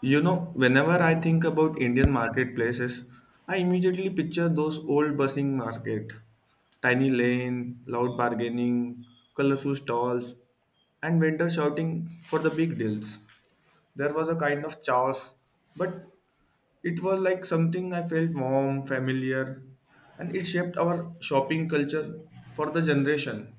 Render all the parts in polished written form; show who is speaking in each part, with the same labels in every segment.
Speaker 1: You know, whenever I think about Indian marketplaces, I immediately picture those old bustling market, tiny lane, loud bargaining, colorful stalls, and vendors shouting for the big deals. There was a kind of chaos, but it was like something I felt warm, familiar, and it shaped our shopping culture for the generation.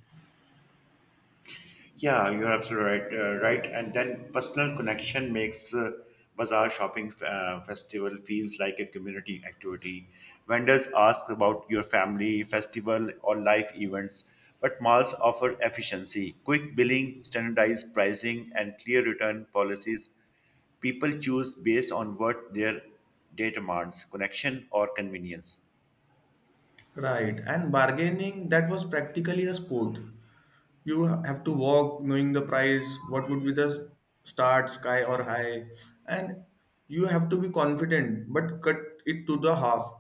Speaker 2: Yeah, you're absolutely right. And then personal connection makes bazaar shopping festival feels like a community activity. Vendors ask about your family, festival, or life events, but malls offer efficiency, quick billing, standardized pricing, and clear return policies. People choose based on what their day demands: connection or convenience.
Speaker 1: Right, and bargaining that was practically a sport, you have to walk knowing the price what would be the start sky or high, and you have to be confident but cut it to the half,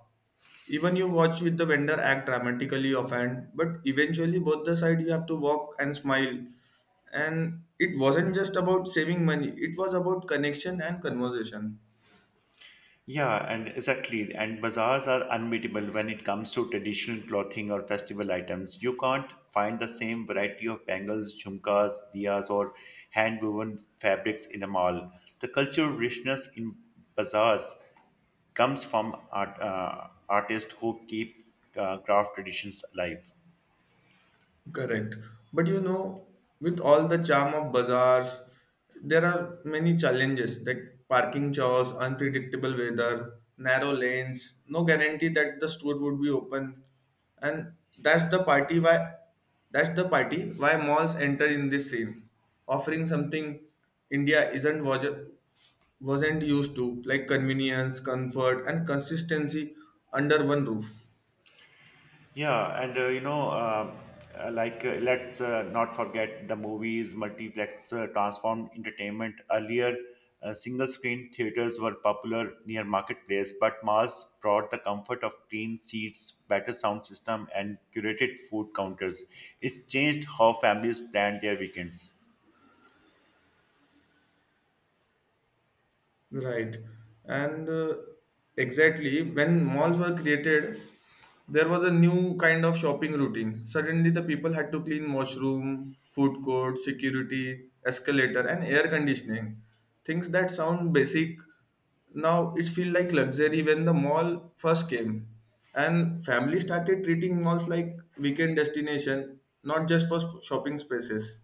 Speaker 1: even you watch with the vendor act dramatically offhand but eventually both the side you have to walk and smile, and it wasn't just about saving money, it was about connection and conversation.
Speaker 2: Yeah, and exactly. And bazaars are unbeatable when it comes to traditional clothing or festival items. You can't find the same variety of bangles, jhumkas, diyas, or hand-woven fabrics in a mall. The cultural richness in bazaars comes from artists who keep craft traditions alive.
Speaker 1: Correct. But you know, with all the charm of bazaars, there are many challenges like parking chores, unpredictable weather, narrow lanes, no guarantee that the store would be open. And that's the party why that's the party why malls enter in this scene, offering something India isn't was- wasn't used to, like convenience, comfort, and consistency under one roof.
Speaker 2: Yeah, and you know, like let's Not forget the movies, multiplex transformed entertainment. Earlier, single screen theaters were popular near marketplace, but malls brought the comfort of clean seats, better sound system, and curated food counters. It changed how families planned their weekends.
Speaker 1: Right. And exactly when malls were created, there was a new kind of shopping routine. Suddenly, the people had to clean washroom, food court, security, escalator, and air conditioning. Things that sound basic now it feel like luxury when the mall first came. And families started treating malls like weekend destination, not just for shopping spaces.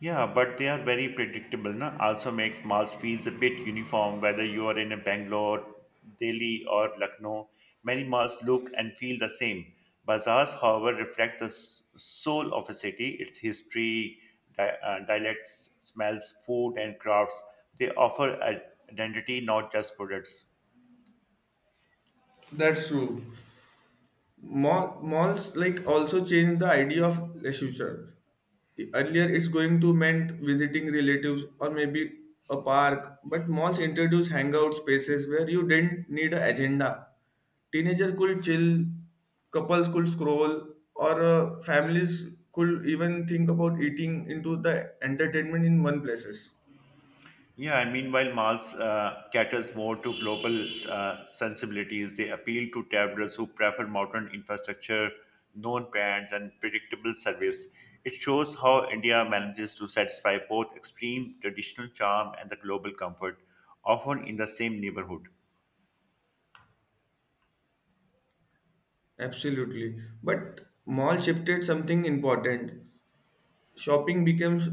Speaker 2: Yeah, but they are very predictable. Na? Also makes malls feels a bit uniform, whether you are in a Bangalore, Delhi, or Lucknow. Many malls look and feel the same. Bazaars, however, reflect the soul of a city, its history, dialects, smells, food, and crafts. They offer identity, not just products.
Speaker 1: That's true. Malls like also change the idea of leisure. Earlier, it's going to meant visiting relatives or maybe a park, but malls introduce hangout spaces where you didn't need an agenda. Teenagers could chill, couples could scroll, or families could even think about eating into the entertainment in one places.
Speaker 2: Yeah, and meanwhile, malls caters more to global sensibilities. They appeal to travelers who prefer modern infrastructure, known brands, and predictable service. It shows how India manages to satisfy both extreme traditional charm and the global comfort, often in the same neighborhood.
Speaker 1: Absolutely, but mall shifted something important. Shopping becomes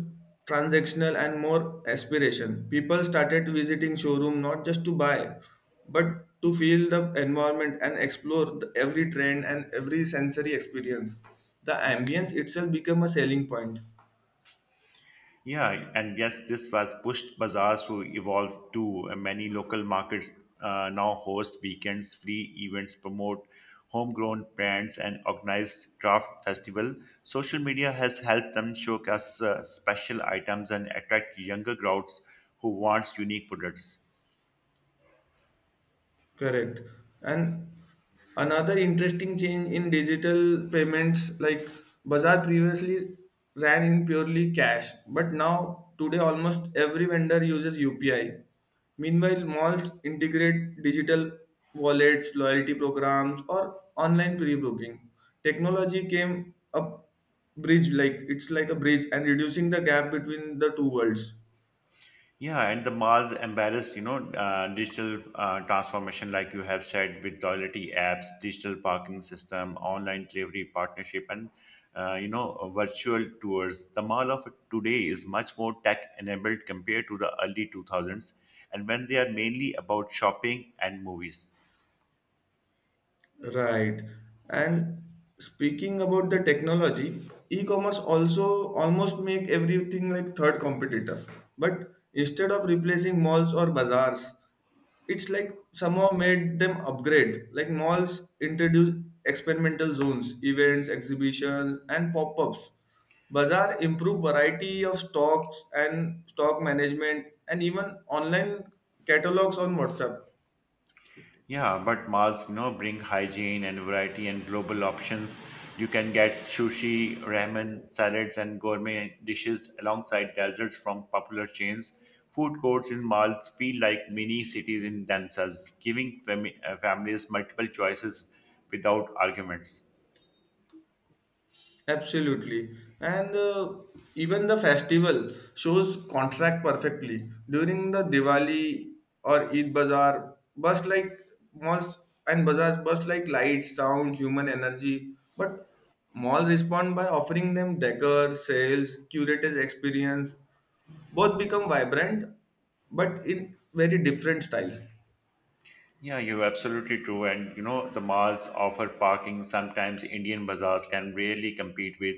Speaker 1: transactional and more aspiration. People started visiting showroom not just to buy, but to feel the environment and explore the, every trend and every sensory experience. The ambience itself become a selling point.
Speaker 2: Yeah, and yes, this was pushed bazaars to evolve too. Many local markets now host weekends, free events, promote homegrown brands, and organize craft festival. Social media has helped them showcase special items and attract younger crowds who wants unique products.
Speaker 1: Correct. And another interesting change in digital payments, like Bazaar previously ran in purely cash, but now today almost every vendor uses UPI. Meanwhile, malls integrate digital wallets, loyalty programs, or online pre-booking. Technology came a bridge, like it's like a bridge, and reducing the gap between the two worlds.
Speaker 2: Yeah, and the Mars embarrassed, you know, digital transformation, like you have said, with loyalty apps, digital parking system, online delivery partnership, and virtual tours. The mall of today is much more tech-enabled compared to the early 2000s, and when they are mainly about shopping and movies.
Speaker 1: Right. And speaking about the technology, e-commerce also almost make everything like third competitor. But instead of replacing malls or bazaars, it's like somehow made them upgrade. Like malls introduce experimental zones, events, exhibitions, and pop-ups. Bazaar improve variety of stocks and stock management and even online catalogs on WhatsApp. 15.
Speaker 2: Yeah, but masks, you know, bring hygiene and variety and global options. You can get sushi, ramen, salads, and gourmet dishes alongside desserts from popular chains. Food courts in malls feel like mini cities in themselves, giving families multiple choices without arguments.
Speaker 1: Absolutely. And Even the festival shows contract perfectly. During the Diwali or Eid Bazaar, bust like malls and bazaars bust like lights, sound, human energy. But malls respond by offering them decor, sales, curated experience. Both become vibrant, but in very different style.
Speaker 2: Yeah, you're absolutely true. And you know, the malls offer parking. Sometimes Indian bazaars can rarely compete with.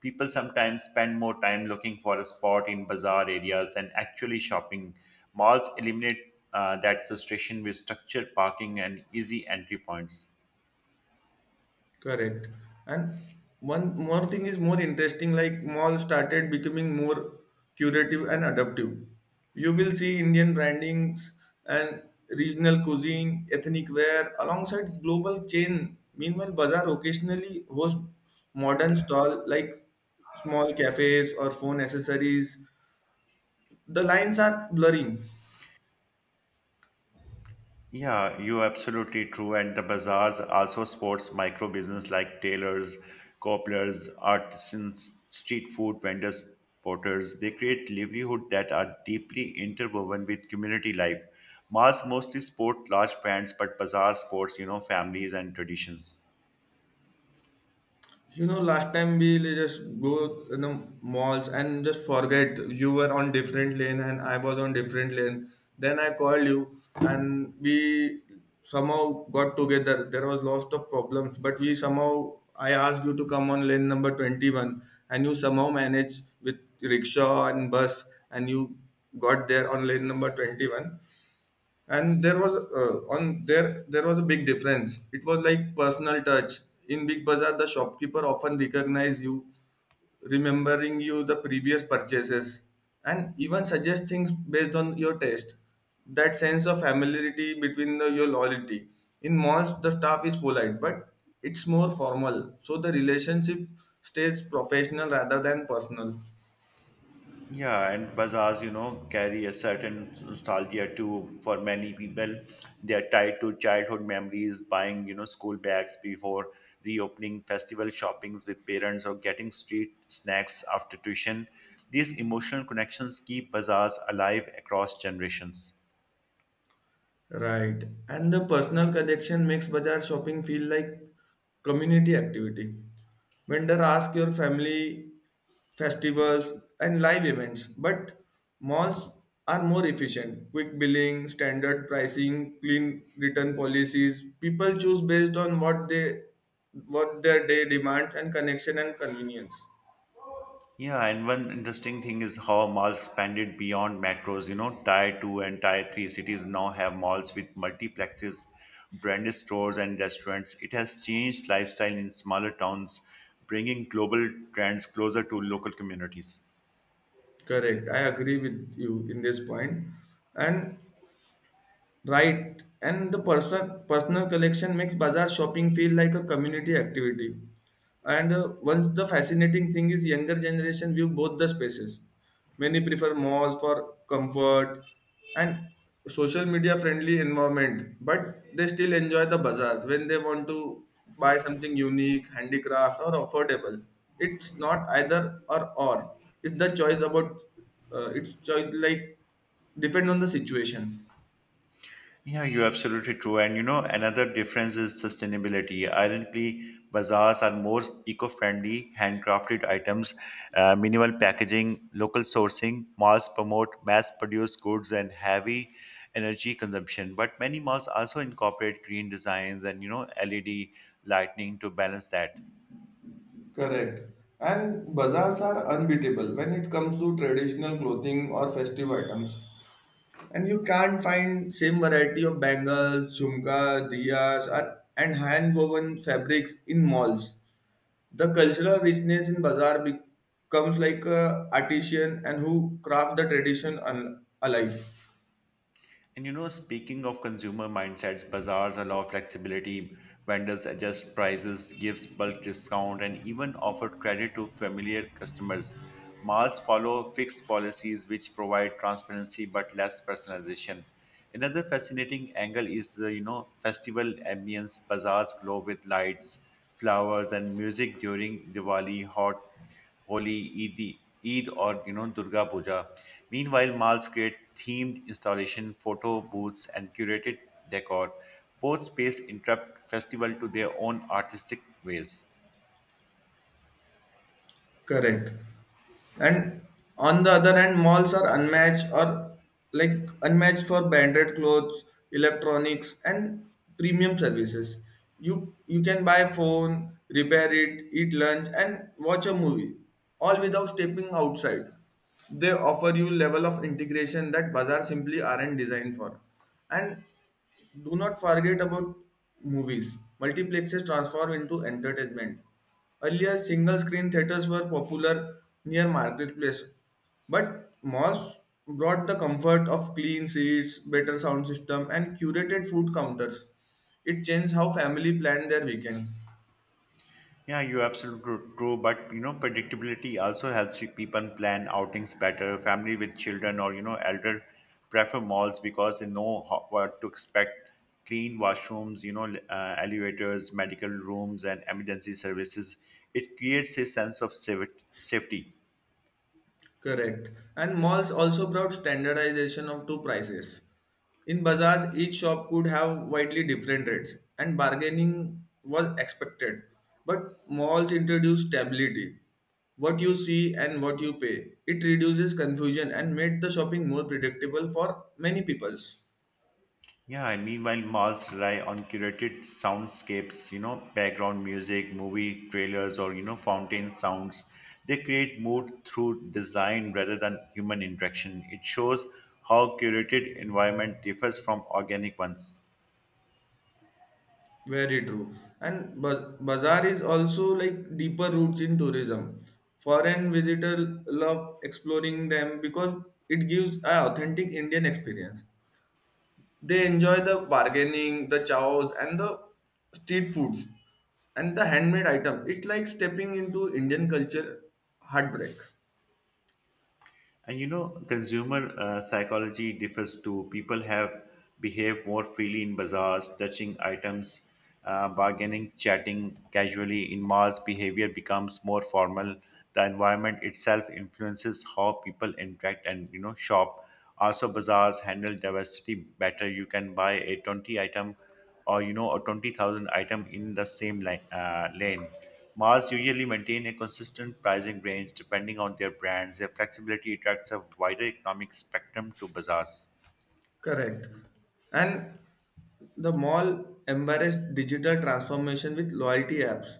Speaker 2: People sometimes spend more time looking for a spot in bazaar areas than actually shopping. Malls eliminate that frustration with structured parking and easy entry points.
Speaker 1: Correct. And one more thing is more interesting, like mall started becoming more curative and adaptive. You will see Indian brandings and regional cuisine, ethnic wear alongside global chain. Meanwhile, bazaar occasionally hosts modern stall like small cafes or phone accessories. The lines are blurring.
Speaker 2: Yeah, you're absolutely true. And the bazaars also sports micro business like tailors, cobblers, artisans, street food vendors, porters. They create livelihood that are deeply interwoven with community life. Malls mostly sport large brands, but bazaar sports, you know, families and traditions.
Speaker 1: You know, last time we just go in the malls and just forget you were on different lane and I was on different lane. Then I called you and we somehow got together. There was lots of problems, but we somehow I asked you to come on lane number 21, and you somehow managed with rickshaw and bus, and you got there on lane number 21, and there was on there was a big difference, it was like personal touch in big bazaar, the shopkeeper often recognize you, remembering you the previous purchases, and even suggest things based on your taste, that sense of familiarity between the, your loyalty. In malls the staff is polite but it's more formal, so the relationship stays professional rather than personal.
Speaker 2: Yeah, and bazaars, you know, carry a certain nostalgia too. For many people, they are tied to childhood memories, buying, you know, school bags before reopening, festival shoppings with parents, or getting street snacks after tuition. These emotional connections keep bazaars alive across generations.
Speaker 1: Right. And the personal connection makes bazaar shopping feel like community activity. Vendor ask your family, festivals, and live events. But malls are more efficient. Quick billing, standard pricing, clean return policies. People choose based on what they, what their day demands and connection and convenience.
Speaker 2: Yeah, and one interesting thing is how malls expanded beyond metros. You know, tier 2 and tier 3 cities now have malls with multiplexes, branded stores, and restaurants. It has changed lifestyle in smaller towns, bringing global trends closer to local communities.
Speaker 1: Correct. I agree with you in this point. And right and the personal collection makes bazaar shopping feel like a community activity, and once the fascinating thing is younger generation view both the spaces, many prefer malls for comfort and social media friendly environment, but they still enjoy the bazaars when they want to buy something unique handicraft or affordable, it's not either or it's the choice about it's choice like depend on the situation.
Speaker 2: Yeah, you're absolutely true. And you know, another difference is sustainability. Ironically, bazaars are more eco friendly, handcrafted items, minimal packaging, local sourcing. Malls promote mass produced goods and heavy energy consumption. But many malls also incorporate green designs and, you know, LED lighting to balance that.
Speaker 1: Correct. And bazaars are unbeatable when it comes to traditional clothing or festive items. And you can't find same variety of bangles, jhumka, diyas, or, and hand-woven fabrics in malls. The cultural richness in bazaar becomes like a artisan and who craft the tradition alive.
Speaker 2: And you know, speaking of consumer mindsets, bazaars allow flexibility, vendors adjust prices, gives bulk discount, and even offer credit to familiar customers. Malls follow fixed policies which provide transparency but less personalization. Another fascinating angle is, you know, festival ambience. Bazaars glow with lights, flowers, and music during Diwali, hot Holi, Eid or you know Durga Puja. Meanwhile, malls create themed installation, photo booths, and curated decor. Both space interrupt festival to their own artistic ways.
Speaker 1: Correct. And on the other hand malls are unmatched or like unmatched for branded clothes, electronics and premium services, you can buy phone, repair it, eat lunch and watch a movie, all without stepping outside. They offer you level of integration that bazaar simply aren't designed for. And do not forget about movies. Multiplexes transform into entertainment. Earlier, single screen theaters were popular near marketplace, but malls brought the comfort of clean seats, better sound system, and curated food counters. It changed how family planned their weekend.
Speaker 2: True. But you know, predictability also helps people plan outings better. Family with children or you know, elder prefer malls because they know what to expect. Clean washrooms, elevators, medical rooms, and emergency services. It creates a sense of safety.
Speaker 1: Correct. And malls also brought standardization of two prices. In bazaars, each shop could have widely different rates, and bargaining was expected. But malls introduced stability. What you see and what you pay. It reduces confusion and made the shopping more predictable for many peoples.
Speaker 2: Yeah, and meanwhile, malls rely on curated soundscapes, you know, background music, movie trailers, or, you know, fountain sounds. They create mood through design rather than human interaction. It shows how curated environment differs from organic ones.
Speaker 1: Very true. And bazaar is also like deeper roots in tourism. Foreign visitor love exploring them because it gives an authentic Indian experience. They enjoy the bargaining, the chows, and the street foods, and the handmade item. It's like stepping into Indian culture heartbreak.
Speaker 2: And you know, consumer psychology differs too. People have behave more freely in bazaars, touching items, bargaining, chatting casually. In malls, behavior becomes more formal. The environment itself influences how people interact and you know shop. Also, bazaars handle diversity better. You can buy a 20 item or you know a 20,000 item in the same lane. Malls usually maintain a consistent pricing range depending on their brands. Their flexibility attracts a wider economic spectrum to bazaars.
Speaker 1: Correct. And the mall embraced digital transformation with loyalty apps,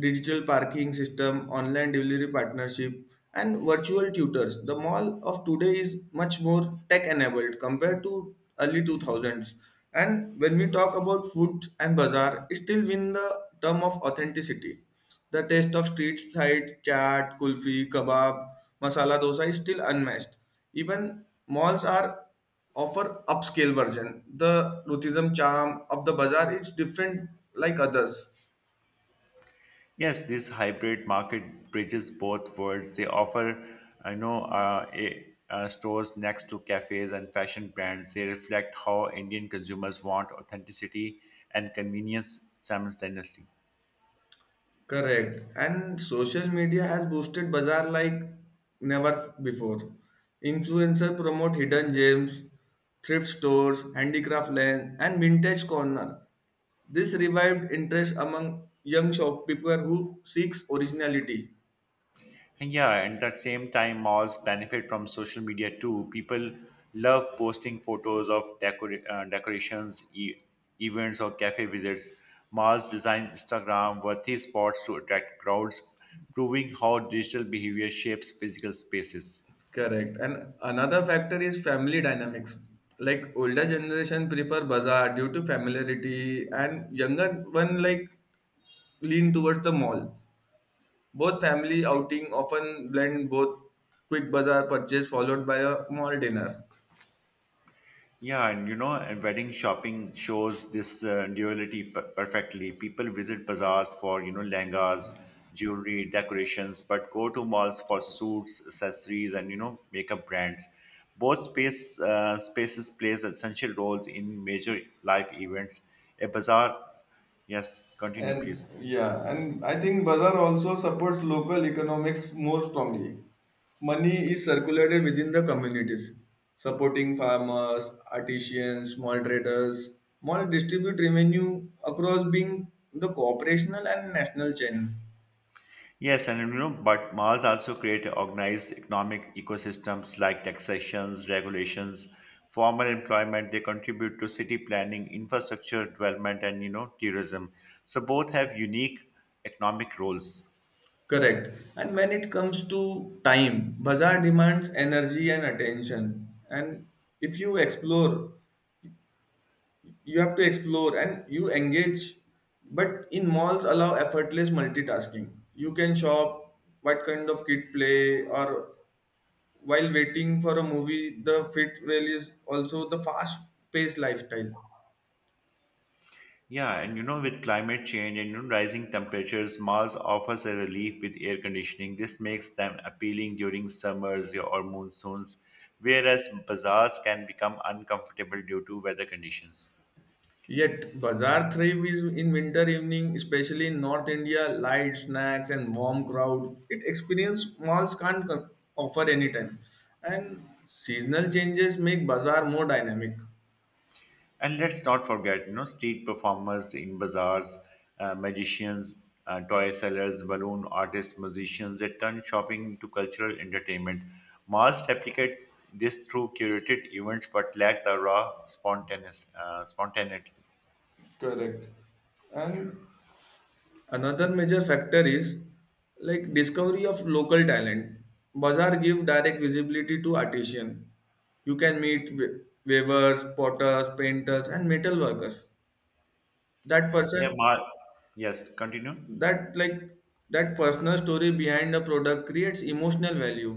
Speaker 1: digital parking system, online delivery partnership, and virtual tutors. The mall of today is much more tech enabled compared to early 2000s. And when we talk about food and bazaar, it still win the term of authenticity. The taste of street side chaat, kulfi, kebab, masala dosa is still unmatched. Even malls are offer upscale version. The ruthism charm of the bazaar is different like others.
Speaker 2: Yes, this hybrid market bridges both worlds. They offer, I know, stores next to cafes and fashion brands. They reflect how Indian consumers want authenticity and convenience simultaneously.
Speaker 1: Correct. And social media has boosted bazaar like never before. Influencer promote hidden gems, thrift stores, handicraft land, and vintage corner. This revived interest among young shopkeeper who seeks originality.
Speaker 2: And at the same time, malls benefit from social media too. People love posting photos of decorations, events, or cafe visits. Malls design Instagram worthy spots to attract crowds, proving how digital behavior shapes physical spaces.
Speaker 1: Correct. And another factor is family dynamics. Like older generation prefer bazaar due to familiarity, and younger one like lean towards the mall. Both family outing often blend both quick bazaar purchase followed by a mall dinner.
Speaker 2: Yeah, and you know, and wedding shopping shows this duality per perfectly. People visit bazaars for, you know, lehengas, jewelry, decorations, but go to malls for suits, accessories, and, you know, makeup brands. Both spaces plays essential roles in major life events. A bazaar, yes, continue,
Speaker 1: And
Speaker 2: please.
Speaker 1: yeah, and I think bazaar also supports local economics more strongly. Money is circulated within the communities, supporting farmers, artisans, small traders. Mall distribute revenue across being the cooperational and national chain.
Speaker 2: Yes, and you know, but Mars also create organized economic ecosystems like taxations, regulations, formal employment. They contribute to city planning, infrastructure development, and you know, tourism. So both have unique economic roles.
Speaker 1: Correct. And when it comes to time, bazaar demands energy and attention. And if you explore, you have to explore and you engage. But in malls, allow effortless multitasking. You can shop, what kind of kid play, or while waiting for a movie, the fit rail is also the fast paced lifestyle.
Speaker 2: Yeah, and you know, with climate change and you know, rising temperatures, Mars offers a relief with air conditioning. This makes them appealing during summers or monsoons, whereas bazaars can become uncomfortable due to weather conditions.
Speaker 1: Yet, bazaar thrives in winter evening, especially in North India, light snacks and warm crowd. It experience malls can't offer anytime. And seasonal changes make bazaar more dynamic.
Speaker 2: And let's not forget, you know, street performers in bazaars, magicians, toy sellers, balloon artists, musicians, they turn shopping into cultural entertainment. Malls replicate this through curated events but lack the raw spontaneity.
Speaker 1: Correct. And another major factor is like discovery of local talent. Bazaar give direct visibility to artisan. You can meet weavers, potters, painters, and metal workers. That
Speaker 2: Yeah,
Speaker 1: person
Speaker 2: Mar- yes, continue.
Speaker 1: that like that personal story behind a product creates emotional value.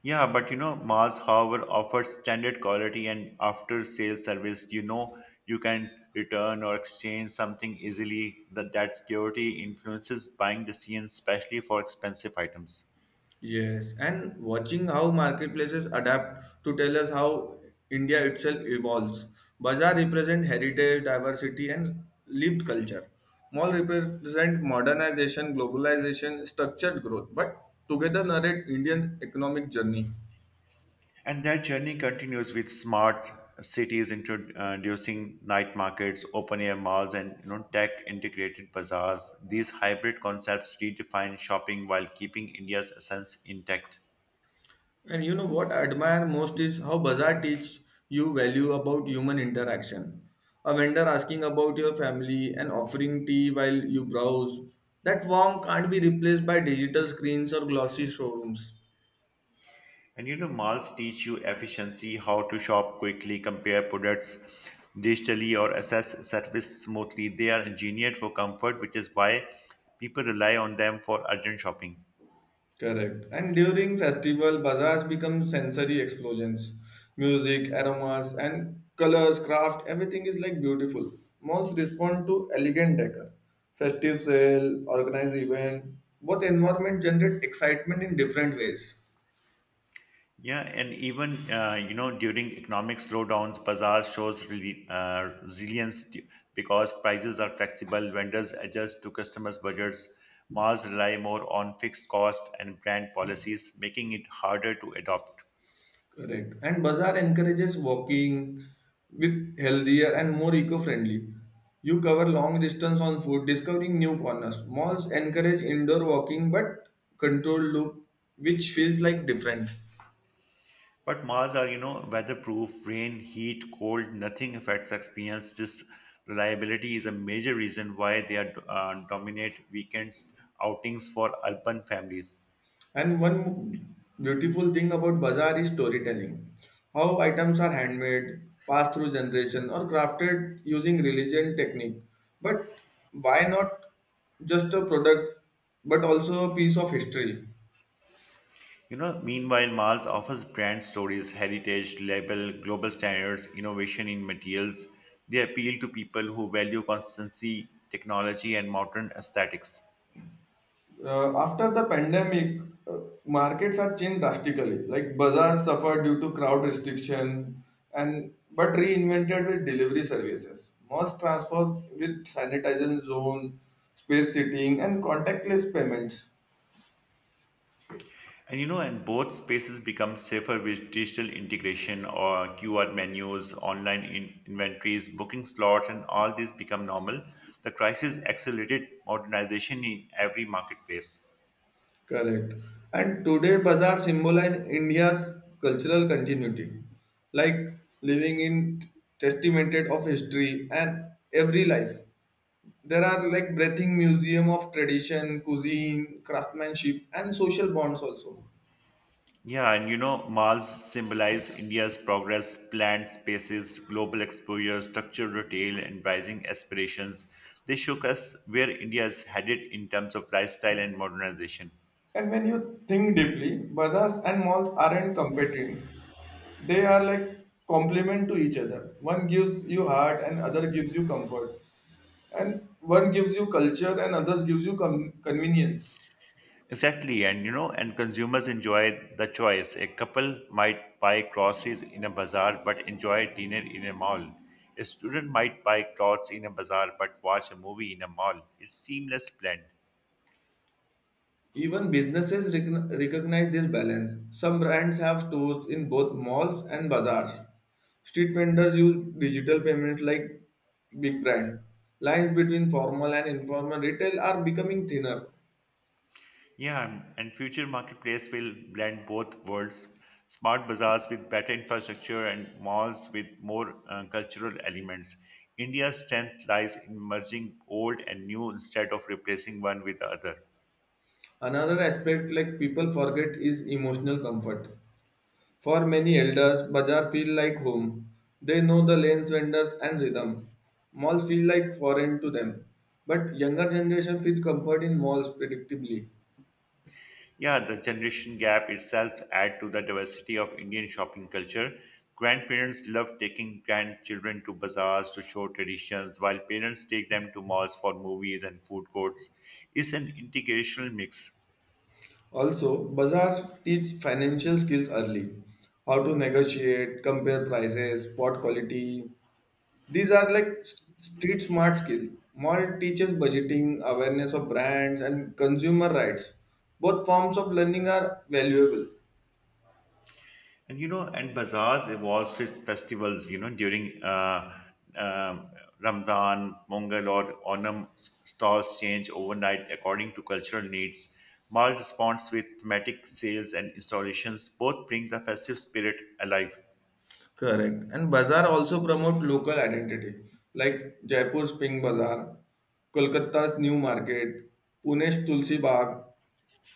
Speaker 2: Yeah, but you know, Mars, however, offers standard quality and after sales service. You know, you can return or exchange something easily. That security influences buying decisions, especially for expensive items.
Speaker 1: Yes, and watching how marketplaces adapt to tell us how India itself evolves. Bazaar represent heritage, diversity and lived culture. Mall represent modernization, globalization, structured growth, but together narrate Indian economic journey.
Speaker 2: And that journey continues with smart cities introducing night markets, open air malls, and you know, tech integrated bazaars. These hybrid concepts redefine shopping while keeping India's essence intact.
Speaker 1: And you know what I admire most is how Bazaar teaches you value about human interaction. A vendor asking about your family and offering tea while you browse. That warmth can't be replaced by digital screens or glossy showrooms.
Speaker 2: And you know, malls teach you efficiency, how to shop quickly, compare products digitally, or assess service smoothly. They are engineered for comfort, which is why people rely on them for urgent shopping.
Speaker 1: Correct. And during festival, bazaars become sensory explosions. Music, aromas, and colors, craft, everything is like beautiful. Malls respond to elegant decor. Festive sale, organized event, both environment generate excitement in different ways.
Speaker 2: Yeah, and even you know during economic slowdowns, bazaar shows really resilience because prices are flexible. Vendors adjust to customers' budgets. Malls rely more on fixed cost and brand policies, making it harder to adopt.
Speaker 1: Correct. And bazaar encourages walking with healthier and more eco-friendly. You cover long distance on foot, discovering new corners. Malls encourage indoor walking but controlled loop, which feels like different.
Speaker 2: But Mars are, you know, weatherproof, rain, heat, cold, nothing affects experience. Just reliability is a major reason why they are dominate weekends outings for urban families.
Speaker 1: And one beautiful thing about bazaar is storytelling. How items are handmade, passed through generation, or crafted using religion technique. But why not just a product, but also a piece of history?
Speaker 2: You know, meanwhile, Mars offers brand stories, heritage, label, global standards, innovation in materials. They appeal to people who value consistency, technology, and modern aesthetics.
Speaker 1: After the pandemic, uh, markets are changed drastically. Like bazaars suffered due to crowd restriction, and but reinvented with delivery services. Malls transformed with sanitization zone, space seating, and contactless payments.
Speaker 2: And you know, and both spaces become safer with digital integration or QR menus, online inventories, booking slots, and all these become normal. The crisis accelerated modernization in every marketplace.
Speaker 1: Correct. And today, bazaar symbolize India's cultural continuity, like living in testamented of history and every life. There are like breathing museum of tradition, cuisine, craftsmanship, and social bonds also.
Speaker 2: Yeah, and you know, malls symbolize India's progress, planned spaces, global exposure, structured retail, and rising aspirations. They showcase where India is headed in terms of lifestyle and modernization.
Speaker 1: And when you think deeply, bazaars and malls aren't competing. They are like complement to each other. One gives you heart and other gives you comfort. And one gives you culture and others gives you convenience.
Speaker 2: Exactly, and you know, and consumers enjoy the choice. A couple might buy groceries in a bazaar but enjoy dinner in a mall. A student might buy clothes in a bazaar but watch a movie in a mall. It's seamless blend.
Speaker 1: Even businesses recognize this balance. Some brands have stores in both malls and bazaars. Street vendors use digital payments like big brand. Lines between formal and informal retail are becoming thinner.
Speaker 2: Yeah, and future marketplace will blend both worlds. Smart bazaars with better infrastructure and malls with more cultural elements. India's strength lies in merging old and new instead of replacing one with the other.
Speaker 1: Another aspect like people forget is emotional comfort. For many elders, bazaar feel like home. They know the lanes, vendors and rhythm. Malls feel like foreign to them. But younger generation feel comfort in malls predictably.
Speaker 2: Yeah, the generation gap itself add to the diversity of Indian shopping culture. Grandparents love taking grandchildren to bazaars to show traditions, while parents take them to malls for movies and food courts. It's an integrational mix.
Speaker 1: Also, bazaars teach financial skills early, how to negotiate, compare prices, spot quality. These are like street smart skills. Mall teaches budgeting, awareness of brands, and consumer rights. Both forms of learning are valuable.
Speaker 2: And you know, and bazaars evolves with festivals, you know, during um Ramadan, Mongol, or Onam, stalls change overnight according to cultural needs. Mall responds with thematic sales and installations, both bring the festive spirit alive.
Speaker 1: Correct. And bazaar also promote local identity, like Jaipur's Pink Bazaar, Kolkata's New Market, Pune's Tulsi Bagh,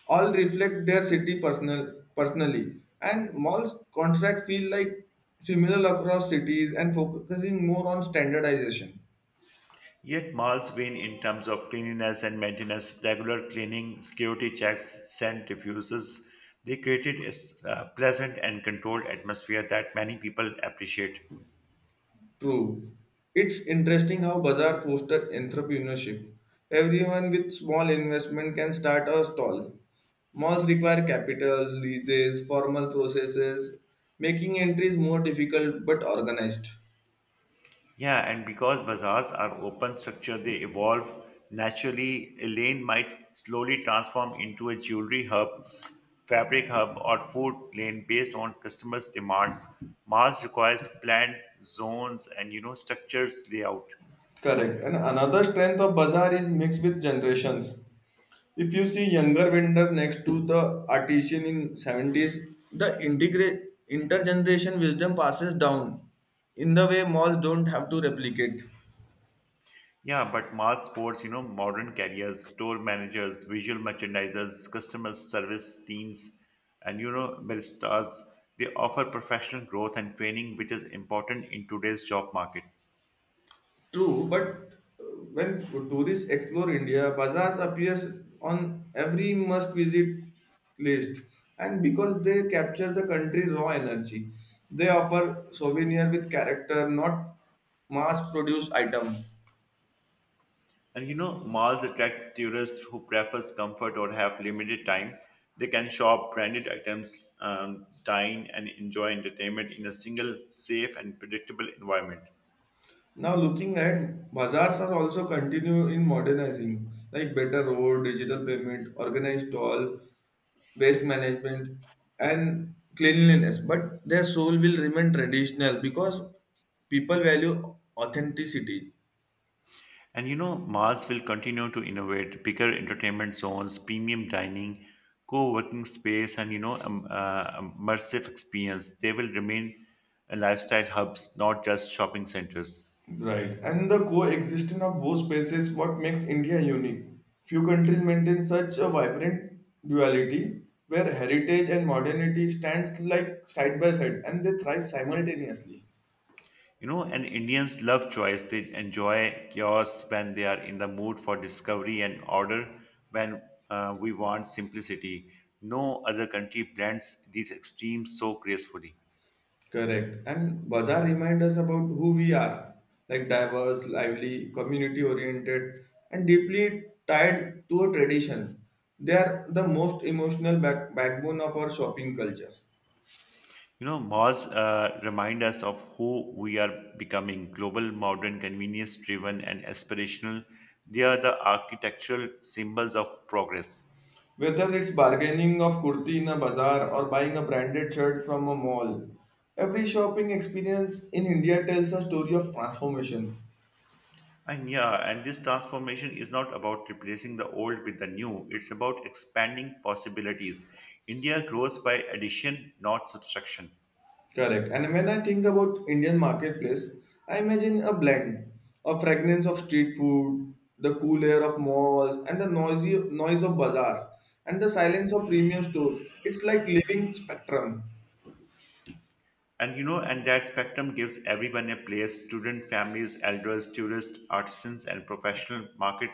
Speaker 1: all reflect their city personal personally, and malls contract feel like similar across cities and focusing more on standardization.
Speaker 2: Yet malls win in terms of cleanliness and maintenance, regular cleaning, security checks, scent diffusers. They created a pleasant and controlled atmosphere that many people appreciate.
Speaker 1: True, it's interesting how bazaar foster entrepreneurship. Everyone with small investment can start a stall. Malls require capital leases formal processes, making entries more difficult but organized.
Speaker 2: Yeah, and because bazaars are open structure, they evolve naturally. A lane might slowly transform into a jewelry hub, fabric hub, or food lane based on customers' demands. Malls requires planned zones and you know structures layout.
Speaker 1: Correct. And another strength of bazaar is mixed with generations. If you see younger vendors next to the artisan in 70s, the integrate intergeneration wisdom passes down in the way malls don't have to replicate.
Speaker 2: Yeah, but mall sports, you know, modern carriers, store managers, visual merchandisers, customer service teams, and you know, baristas, they offer professional growth and training, which is important in today's job market.
Speaker 1: True, but uh, when tourists explore India, bazaars appears on every must visit list, and because they capture the country's raw energy, they offer souvenir with character, not mass produced item.
Speaker 2: And you know, malls attract tourists who prefers comfort or have limited time. They can shop branded items, dine, and enjoy entertainment in a single, safe, and predictable environment.
Speaker 1: Now looking at bazaars are also continue in modernizing, like better road, digital payment, organized stall, waste management and cleanliness, but their soul will remain traditional because people value authenticity.
Speaker 2: And you know, malls will continue to innovate bigger entertainment zones, premium dining, co working space, and immersive experience. They will remain lifestyle hubs, not just shopping centers.
Speaker 1: Right. And the coexistence of both spaces what makes India unique. Few countries maintain such a vibrant duality where heritage and modernity stands like side by side and they thrive simultaneously.
Speaker 2: You know, and Indians love choice. They enjoy chaos when they are in the mood for discovery and order when we want simplicity. No other country blends these extremes so gracefully.
Speaker 1: Correct. And bazaar remind us about who we are, like diverse, lively, community oriented, and deeply tied to a tradition. They are the most emotional backbone of our shopping culture.
Speaker 2: You know, malls remind us of who we are becoming global, modern, convenience driven, and aspirational. They are the architectural symbols of progress.
Speaker 1: Whether it's bargaining of kurti in a bazaar or buying a branded shirt from a mall, every shopping experience in India tells a story of transformation.
Speaker 2: And this transformation is not about replacing the old with the new, it's about expanding possibilities. India grows by addition, not subtraction.
Speaker 1: Correct. And when I think about Indian marketplace, I imagine a blend, a fragrance of street food, the cool air of malls, and the noisy noise of bazaar, and the silence of premium stores. It's like living spectrum.
Speaker 2: And you know, and that spectrum gives everyone a place student, families, elders, tourists, artisans, and professional market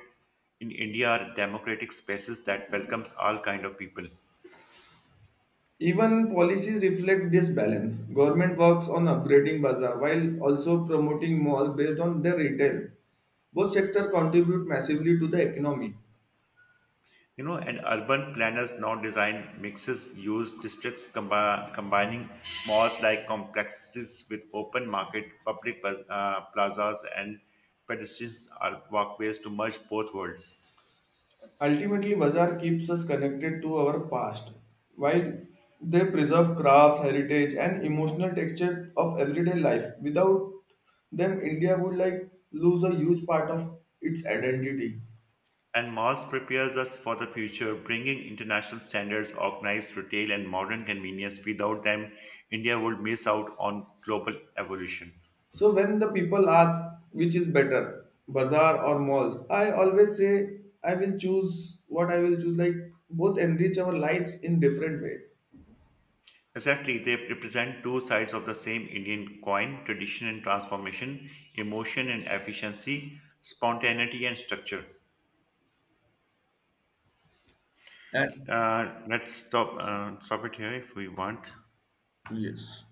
Speaker 2: in India are democratic spaces that welcomes all kind of people.
Speaker 1: Even policies reflect this balance. Government works on upgrading bazaar while also promoting malls based on their retail. Both sectors contribute massively to the economy.
Speaker 2: You know, and urban planners now design mixes, use districts combining malls like complexes with open market, plazas, and pedestrian are walkways to merge both worlds.
Speaker 1: Ultimately, bazaar keeps us connected to our past, while they preserve craft, heritage, and emotional texture of everyday life. Without them, India would like lose a huge part of its identity.
Speaker 2: And malls prepares us for the future, bringing international standards, organized retail, and modern convenience. Without them, India would miss out on global evolution.
Speaker 1: So when the people ask which is better, bazaar or malls, I always say I will choose what I will choose. Like both enrich our lives in different way.
Speaker 2: Exactly, they represent two sides of the same Indian coin tradition and transformation, emotion and efficiency, spontaneity and structure.
Speaker 1: And
Speaker 2: Let's stop it here if we want.
Speaker 1: yes.